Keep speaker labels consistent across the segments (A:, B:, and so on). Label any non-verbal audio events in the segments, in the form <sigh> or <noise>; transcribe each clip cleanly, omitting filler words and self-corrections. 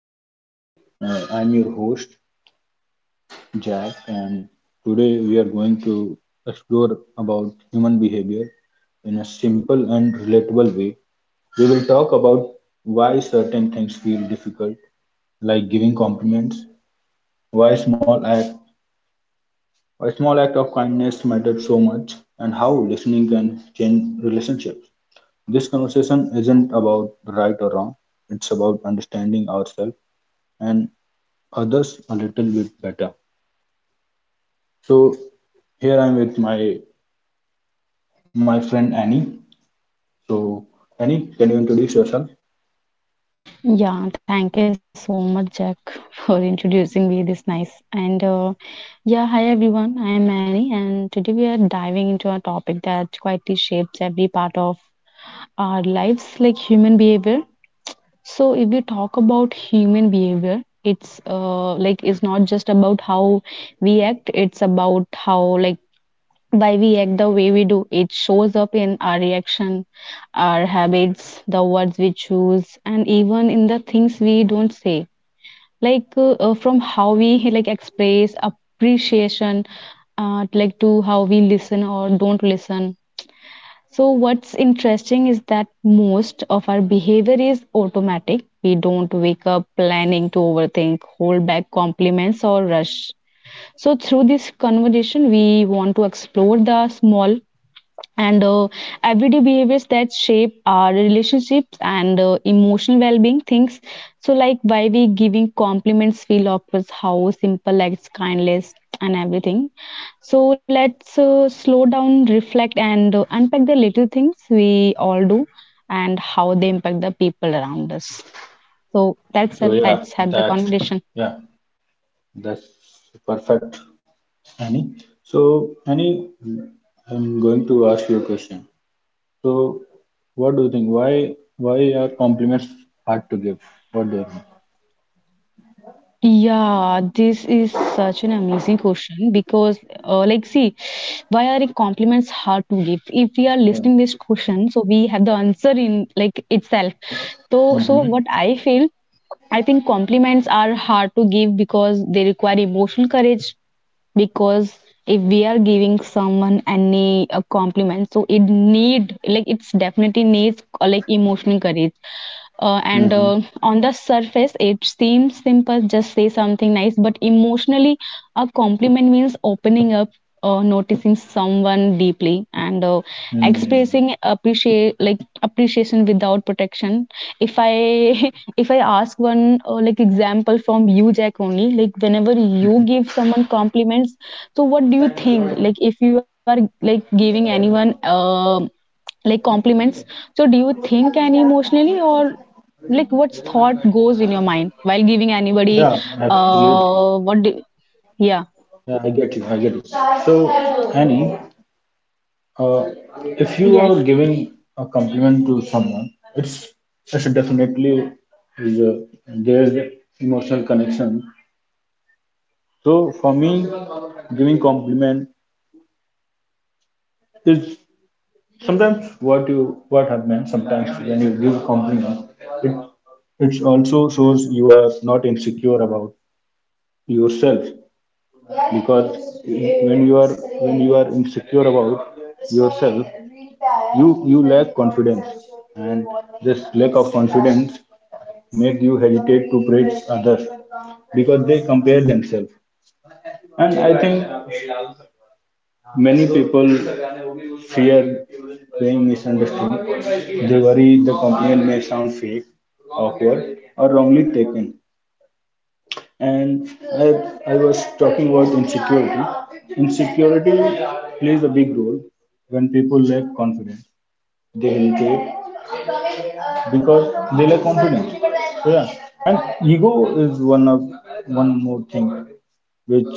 A: hello everyone. I'm your host Jack, and today we are going to explore about human behavior in a simple and relatable way. We will talk about why certain things feel difficult, like giving compliments, why small act, why small act of kindness matter so much, and how listening can change relationships. This conversation isn't about right or wrong; it's about understanding ourselves and others a little bit better. So here I'm with my friend Annie. So Annie, can you introduce yourself?
B: Yeah, thank you so much, Jack, for introducing me this nice. And Yeah, hi everyone. I'm Annie, and today we are diving into a topic that quietly shapes every part of our lives, like human behavior. So, if we talk about human behavior, it's not just about how we act; it's about how, like, why we act the way we do. It shows up in our reaction, our habits, the words we choose, and even in the things we don't say, like from how we <laughs> like express appreciation, like, to how we listen or don't listen. So what's interesting is that most of our behavior is automatic. We don't wake up planning to overthink, hold back compliments, or rush. So through this conversation we want to explore the small and everyday behaviors that shape our relationships and emotional well-being things. So, like, why we giving compliments feel obvious, how simple acts kindness and everything. So let's slow down, reflect, and unpack the little things we all do and how they impact the people around us. So that's
A: So
B: all, let's have the
A: that's
B: conversation.
A: yeah, that's perfect, Annie. So Annie, I'm going to ask you a question. So what do you think? Why are compliments hard to give? What do you think?
B: Yeah, this is such an amazing question because, like, see, why are the compliments hard to give? If we are
A: Yeah.
B: listening this question, so we have the answer in, like, itself. So
A: Mm-hmm.
B: what I feel, I think compliments are hard to give because they require emotional courage, because if we are giving someone any a compliment, so it need, like, it's definitely needs, like, emotional courage. uh, and
A: Mm-hmm.
B: uh, on the surface it seems simple, just say something nice, but emotionally a compliment means opening up, noticing someone deeply and
A: Mm.
B: expressing appreciate, like, appreciation without protection. If I <laughs> If I ask one, like, example from you, Jack, only, like, whenever you give someone compliments, so what do you think, like, if you are, like, giving anyone like compliments, so do you think any emotionally, or, like, what's thought goes in your mind while giving anybody?
A: Yeah, absolutely.
B: What do yeah.
A: Yeah, I get you. I get you. So Annie. Uh, if you
B: Yes.
A: are giving a compliment to someone, it's definitely is a, there's a emotional connection. So for me, giving compliment is sometimes what happens. Sometimes when you give compliment, it it also shows you are not insecure about yourself. Because when you are when you are insecure about yourself you you lack confidence, and this lack of confidence make you hesitate to praise others because they compare themselves. And I think many people fear being misunderstood. They worry the compliment may sound fake, awkward, or wrongly taken. And I was talking about insecurity. Insecurity plays a big role when people lack confidence. They hesitate because they lack confidence. So, yeah, and ego is one more thing which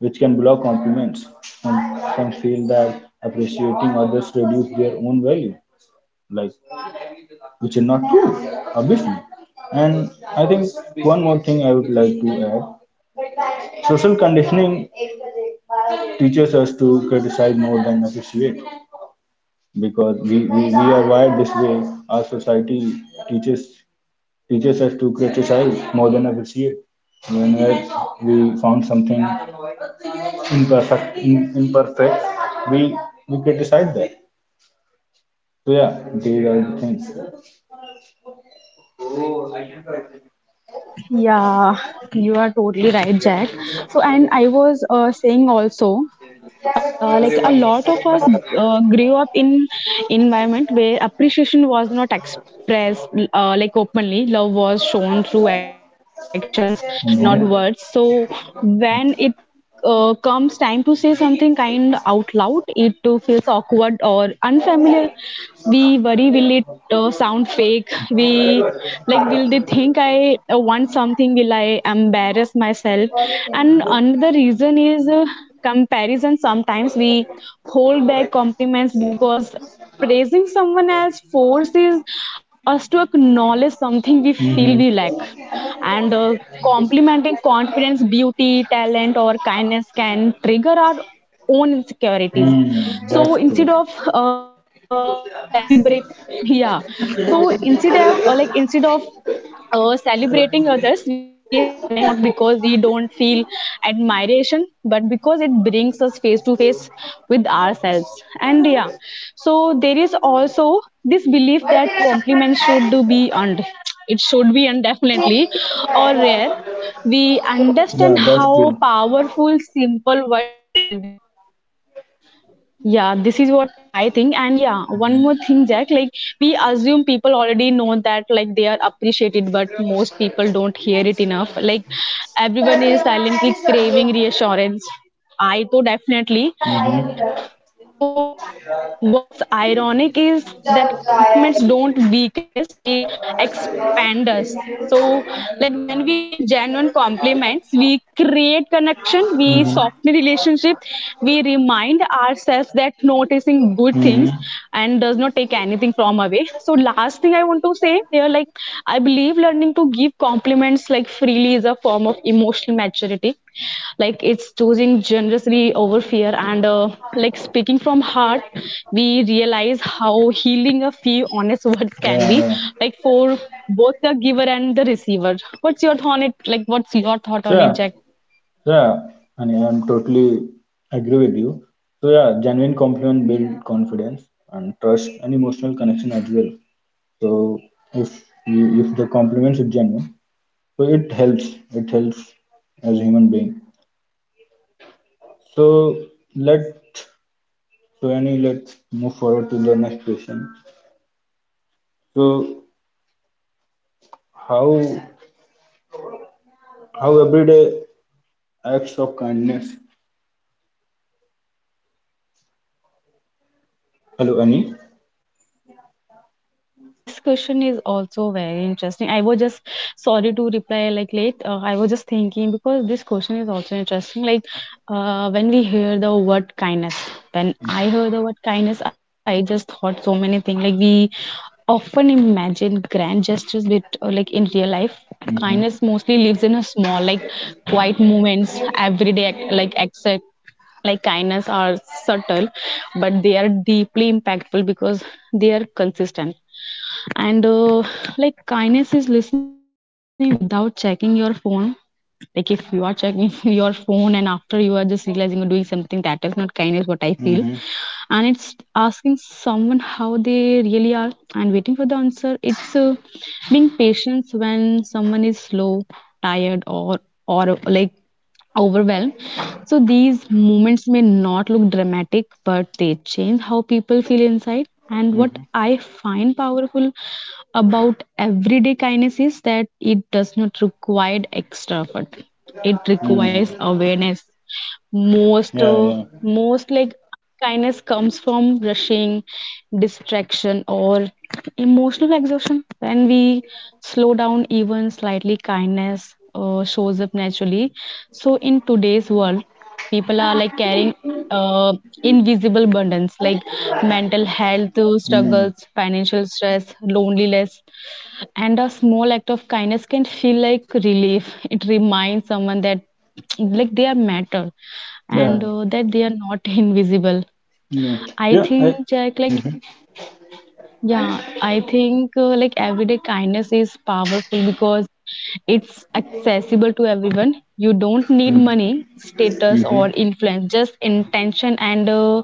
A: can block compliments and can feel that appreciating others reduce their own value, like, which is not true, obviously. And I think one more thing I would like to add, social conditioning teaches us to criticize more than appreciate because we are wired this way. Our society teaches teaches us to criticize more than appreciate. Whenever we found something imperfect, we we criticize that. So yeah, these are the things.
B: Yeah, you are totally right, Jack. So, and I was saying also, like, a lot of us grew up in environment where appreciation was not expressed, like, openly. Love was shown through actions, not words. So
A: Mhm.
B: when it comes time to say something kind out loud, it too feels awkward or unfamiliar. We worry, will it sound fake? We, like, will they think I want something? Will I embarrass myself? And another reason is, comparison. Sometimes we hold back compliments because praising someone else forces us to acknowledge something we feel we lack.
A: Mhm.
B: And complimenting confidence, beauty, talent, or kindness can trigger our own insecurities.
A: Mm, that's true.
B: So instead of, celebrate, <laughs> yeah, so instead of, celebrating others, we stay silent, not because we don't feel admiration, but because it brings us face to face with ourselves. And yeah, so there is also this belief that compliments should do be earned. It should be earned, <laughs> definitely, or rare. We
A: Yeah,
B: understand
A: that's
B: how
A: true.
B: powerful simple words can be. Yeah, this is what I think. And yeah, one more thing, Jack, like, we assume people already know that, like, they are appreciated, but most people don't hear it enough. Like, everyone is silently craving reassurance. I too, definitely.
A: Mhm.
B: So, what's ironic is that compliments don't weaken us, they expand us. So, like, when we give genuine compliments, we create connection, we
A: Mhm.
B: soften relationship, we remind ourselves that noticing good things
A: Mhm.
B: and does not take anything from away. So, last thing I want to say here, like, I believe learning to give compliments, like, freely, is a form of emotional maturity. Like, it's choosing generously over fear, and, like, speaking from heart, we realize how healing a few honest <laughs> words can be.
A: Yeah, yeah.
B: Like, for both the giver and the receiver. What's your thought on it? Like, what's your thought
A: So
B: on it,
A: yeah,
B: Jack?
A: so yeah, I mean, I'm totally agree with you. So yeah, genuine compliment build confidence and trust and emotional connection as well. So if if the compliments are genuine, so it helps. It helps as a human being. So let so any, let's move forward to the next question. So how how everyday acts of kindness. Hello, Annie.
B: Okay, Jack. Yeah, yeah, this question is also very interesting. I was just sorry to reply like late. I was just thinking because this question is also interesting. Like, when we hear the word kindness, when I heard the word kindness, I just thought so many things. Like, we often imagine grand gestures, but, like, in real life kindness mostly lives in a small, like, quiet moments everyday act, like accept, like, kindness are subtle, but they are deeply impactful because they are consistent, and like kindness is listening without checking your phone. Like, if you are checking <laughs> your phone and after you are just realizing you're doing something that is not kindness, what I feel.
A: Mm-hmm.
B: And it's asking someone how they really are and waiting for the answer. It's, being patient when someone is slow, tired, or like overwhelm. So these moments may not look dramatic, but they change how people feel inside. And what
A: Mm-hmm.
B: I find powerful about everyday kindness is that it does not require extra effort. It
A: Hmm.
B: requires awareness. Most,
A: Yeah,
B: uh,
A: yeah.
B: most like kindness comes from rushing, distraction, or emotional exhaustion. When we slow down, even slightly, kindness shows up naturally. So, in today's world, people are, like, carrying uh, invisible burdens, like mental health
A: Mm.
B: struggles, financial stress, loneliness, and a small act of kindness can feel like relief. It reminds someone that, like, they are matter,
A: Yeah.
B: and that they are not <laughs> invisible.
A: Yeah.
B: I
A: Yeah. I.
B: think, Jack, like,
A: Mm-hmm.
B: yeah, I think, like, everyday kindness is powerful because it's accessible to everyone. You don't need money, status,
A: Mm-hmm.
B: or influence, just intention. And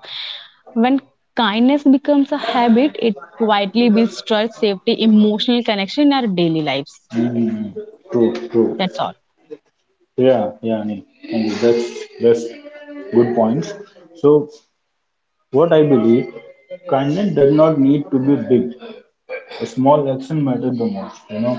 B: when kindness becomes a habit, it quietly builds trust, safety, emotional connection in our daily lives.
A: Mm-hmm. Mm. True. True.
B: That's all.
A: Yeah, yeah, Anil. And that's good points. So what I believe, kindness does not need to be big. A small action matters the most, you know.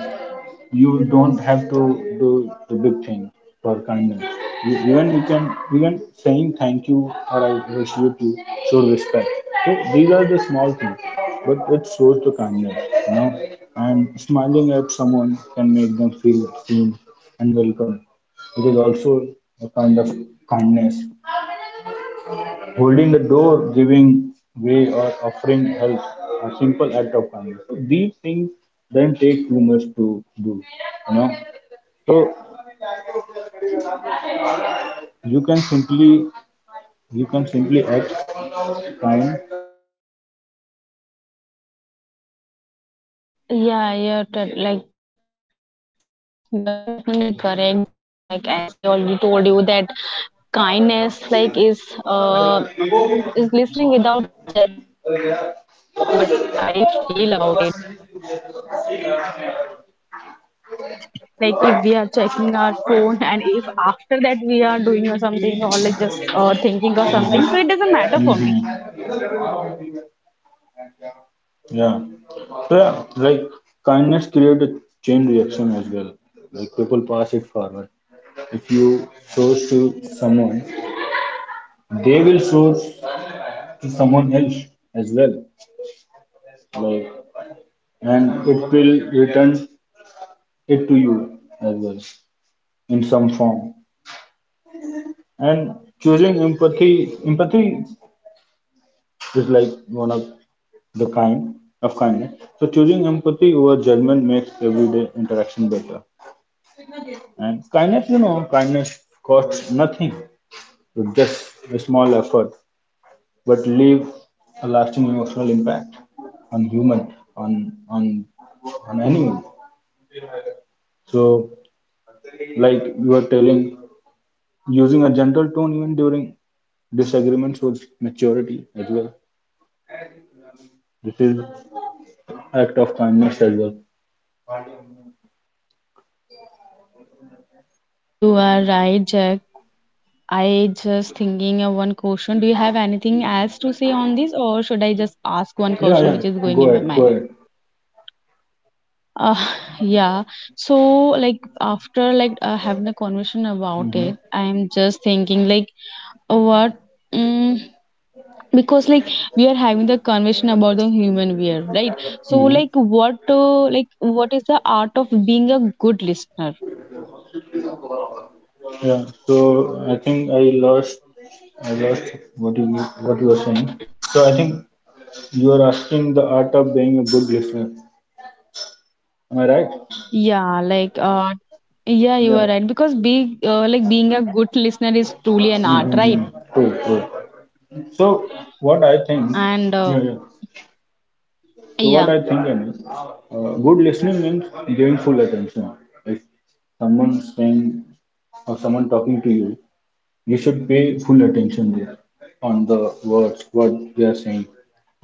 A: You don't have to do the big thing for kindness. Even you can even saying thank you or I appreciate you, show respect. So these are the small things, but it shows the kindness, you know. And smiling at someone can make them feel seen and welcome. It is also a kind of kindness, holding the door, giving way, or offering help, a simple act of kindness. So these things don't take too much to do, you know. So you can simply you can simply act kind without putting much effort, you know, like listening
B: Like, you are
A: patiently
B: definitely
A: without
B: correct, Jack.
A: interrupting
B: As
A: is a
B: I
A: form
B: already
A: of
B: told
A: kindness,
B: you that
A: you know.
B: kindness, like, is listening without checking your phone. Definitely, what I feel about it. Like, if we are checking our phone, and if after that we are doing or something, or, like, just, thinking or
A: Mhm.
B: something, so it doesn't matter for
A: Mhm.
B: me.
A: Yeah. So yeah, like kindness create a chain reaction as well. Like people pass it forward. If you show to someone, they will show to someone else as
B: I
A: well.
B: also, <laughs>
A: Like,
B: I have one,
A: and
B: <laughs>
A: it
B: question for
A: will
B: you here,
A: return
B: Jack. If
A: it to you as well
B: Yeah,
A: in
B: yeah.
A: some form. And choosing empathy is like one of the kind of kindness. So choosing empathy over judgment makes everyday interaction better. And kindness costs nothing, with just a small effort, but leave a lasting emotional impact on human, on anyone. So, like you were telling, using a gentle tone even during disagreements shows maturity as well. This is act of kindness as well.
B: Yeah, you are right, Jack. I just thinking of one question. Do you have anything else to say on this, or should I just ask one
A: Yeah,
B: question
A: yeah.
B: which is
A: Go
B: going in my
A: ahead, go
B: mind?
A: ahead.
B: Uh, <laughs> yeah. So, like, after, like, having a conversation about
A: Mm-hmm.
B: it, I'm just thinking, like, what mm because, like, we are having the conversation about the human wear, right? So
A: Mm-hmm.
B: like what, like, what is the art of being a good listener?
A: Yeah. So I think lost. I lost what you what you were saying. So I think you are asking the art of being a good listener. Am I right?
B: Yeah, like yeah, you
A: Yeah.
B: are right, because being, like, being a good listener is truly an art, right?
A: Mm-hmm. True. True. So what I think.
B: And
A: Yeah. Yeah. So what
B: yeah.
A: I think is, good listening means giving full attention. If someone saying or someone talking to you, should pay full attention there, on the words, what they are saying,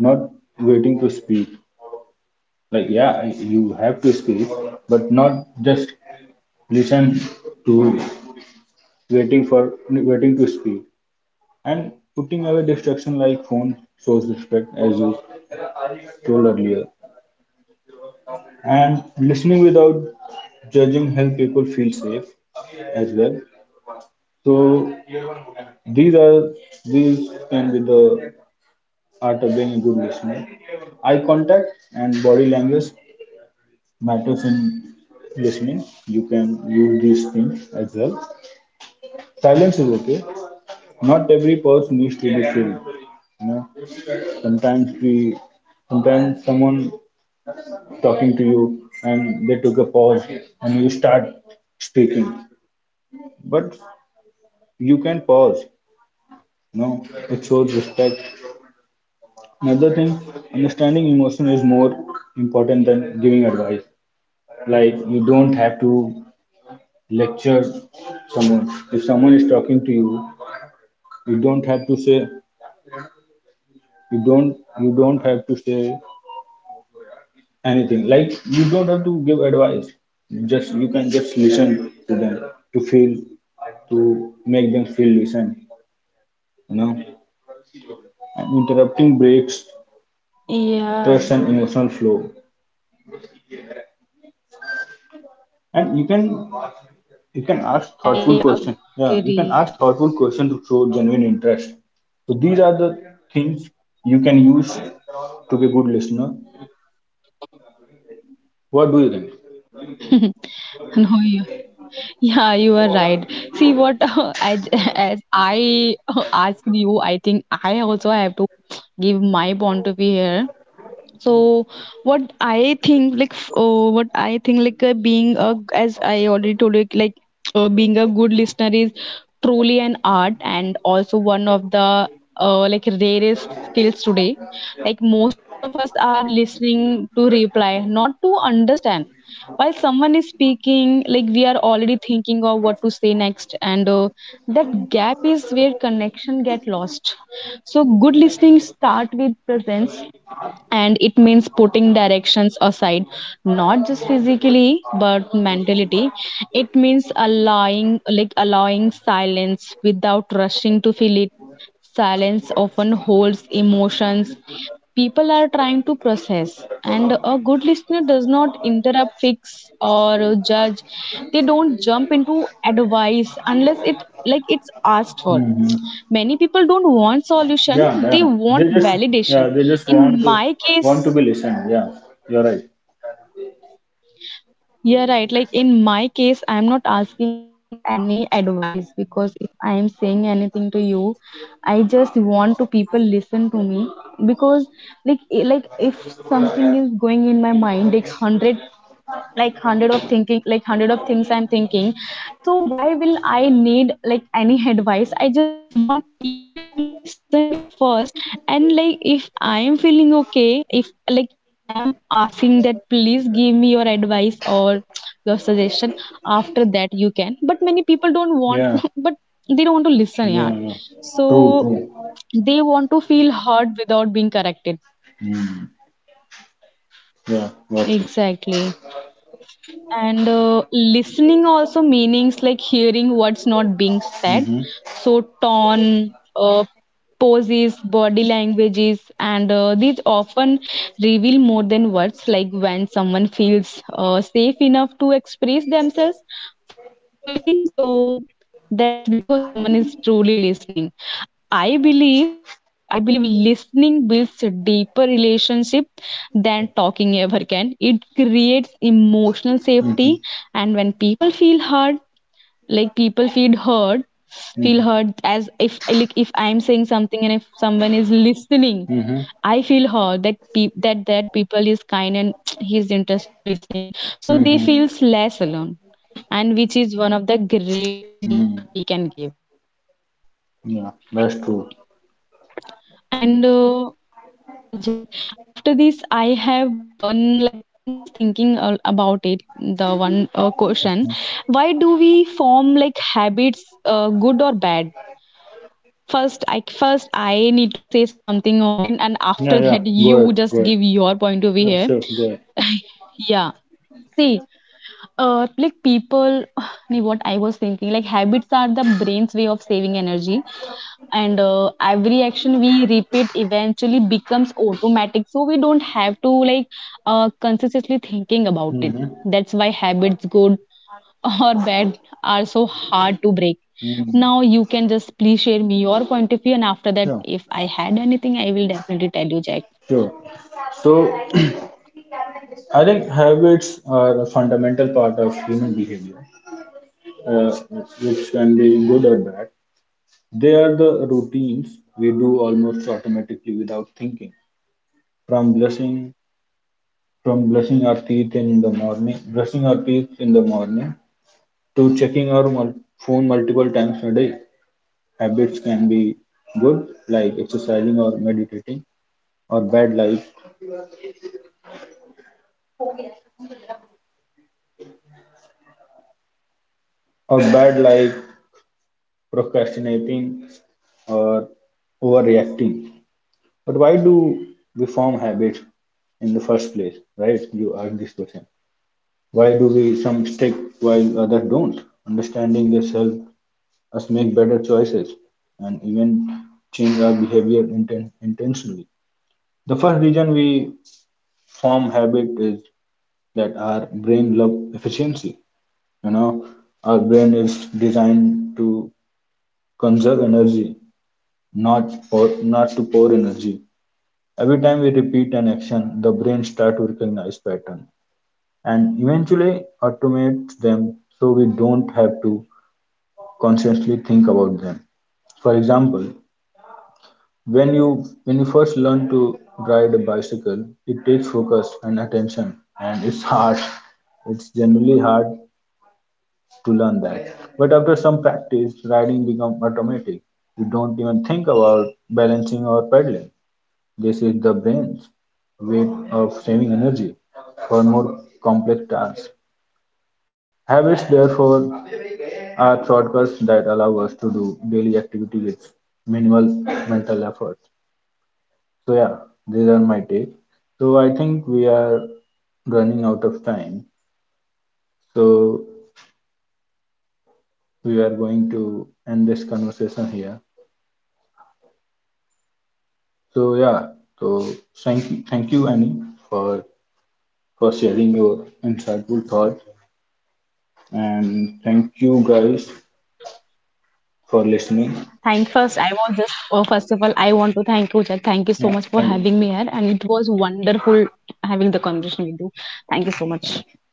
A: not waiting to speak. Like, yeah, you have to speak, but not just listen to waiting to speak, and putting away distraction like phone shows respect as you told earlier, and listening without judging help people feel safe as well. So these are these can be the art of being a good listener. Eye contact and body language matters in listening. You can use these things as well. Silence is okay. Not every pause needs to be filled. You know, sometimes sometimes someone talking to you and they took a pause and you start speaking. But you can pause. You know, it shows respect. Another thing, understanding emotion is more important than giving advice. Like you don't have to lecture someone. If someone is talking to you, you don't have to say you don't you don't have to say anything. Like you don't have to give advice. You can just listen to them, to feel to make them feel listened. You know, and interrupting breaks
B: Yeah,
A: trust and emotional flow. And you can ask
B: I
A: thoughtful question. Yeah, you
B: agree.
A: can
B: <laughs>
A: ask thoughtful question to show genuine interest. So these are the things you can use to be a good listener. What do you think?
B: No, you, yeah, you are right. See what <laughs> as I <laughs> asked you, I think I also have to give my point of view here. So what I think like f- what I think like being a as I already told you, like, being a good listener is truly an art, and also one of the, like, rarest skills today. Like, most of us are listening to reply, not to understand. While someone is speaking, like, we are already thinking of what to say next, and that gap is where connection get lost. So good listening start with presence, and it means putting directions aside, not just physically but mentality. It means allowing, like, allowing silence without rushing to fill it. Silence often holds emotions people are trying to process, and a good listener does not interrupt, fix, or judge. They don't jump into advice unless it like it's asked for.
A: Hmm.
B: Many people don't want solution,
A: Yeah,
B: they
A: yeah. They
B: want
A: just
B: validation.
A: Yeah, they just
B: In my case,
A: want to be listened. Yeah, you're right.
B: yeah, right. Like, in my case, I'm not asking any advice because if I'm saying anything to you, I just want to people listen to me, because like, if something is going in my mind, like, hundred, like hundred of thinking like hundred of things I'm thinking, so why will I need, like, any advice? I just want people to listen me first, and, like, if I am feeling okay, if, like, I am asking that, please give me your advice or your suggestion, after that you can. But many people don't want,
A: Yeah,
B: <laughs> but they don't want to listen,
A: yeah,
B: yeah.
A: yeah.
B: So
A: True, true.
B: they want to feel heard without being corrected.
A: Mm. Yeah, got you.
B: Exactly. And listening also meanings, like, hearing what's not being said.
A: Mm-hmm.
B: So tone, poses, body languages, and these often reveal more than words. Like when someone feels, safe enough to express themselves fully, so that's because someone is truly listening. I believe, like, I believe listening builds a deeper relationship than talking ever can. It creates emotional
A: Mm-hmm.
B: safety, and when people feel heard, like, people feel hurt feel
A: Mm-hmm.
B: hurt, as if, like, if I'm saying something and if someone is listening,
A: Mm-hmm.
B: I feel hurt that that people is kind and <tsk> he's interested in listening, so they
A: Mm-hmm.
B: feels less alone, and which is one of the greatest gift
A: Mm.
B: we can give.
A: Yeah, that's true.
B: And <laughs> yeah, Jack, after this I have one, like, I'm just thinking, about it, the one, question, why do we form, like, habits, good or bad? First I need to say something on it, and
A: Mm-hmm. Yeah,
B: after
A: yeah.
B: that
A: Go
B: you
A: ahead. Go
B: just
A: ahead.
B: give your point of view
A: Yeah,
B: here.
A: sure, go ahead.
B: Yeah, see, like, people <sighs> Ni, what I was thinking, like, habits are the brain's way of saving energy, and every action we repeat eventually becomes automatic, so we don't have to, like, consistently thinking about it.
A: Mm-hmm.
B: That's why habits, good <laughs> or bad, are so hard to break. Now
A: Mm.
B: you can just please share me your point of view, and after that
A: Yeah,
B: if I had anything I will definitely tell you, Jack.
A: sure. So, <clears throat> I think habits are a fundamental part of human behavior, uh, which can be good or bad. They are the routines we do almost automatically without thinking. From brushing, from brushing our teeth in the morning, to checking our phone multiple times a day. Habits can be good, like exercising or meditating, or bad, like or bad, like procrastinating or overreacting. But why do we form habits in the first place, right? You ask this question. Why do we some stick while others don't? Understanding this helps us make better choices and even change our behavior intentionally. The first reason we form habit is that our brain love efficiency. You know, our brain is designed to conserve energy, not to pour energy. Every time we repeat an action, the brain starts to recognize pattern and eventually automates them so we don't have to consciously think about them. For example, when you first learn to ride a bicycle, it takes focus and attention, and it's hard. It's generally hard to learn that. But after some practice, riding becomes automatic. You don't even think about balancing or pedaling. This is the brain's way of saving energy for more complex tasks. Habits, therefore, are shortcuts that allow us to do daily activity with minimal mental effort. So yeah, these are my take. So I think we are running out of time. So we are going to end this conversation here. So yeah, so thank you, Annie, for for sharing your insightful thoughts, and thank you guys for listening.
B: Thank First, I was just, oh, first of all, I want to thank you, Jack. Thank you so
A: Yeah,
B: much for
A: thank you,
B: having me here. And it was wonderful having the conversation with you. Thank you so much.
A: thank you.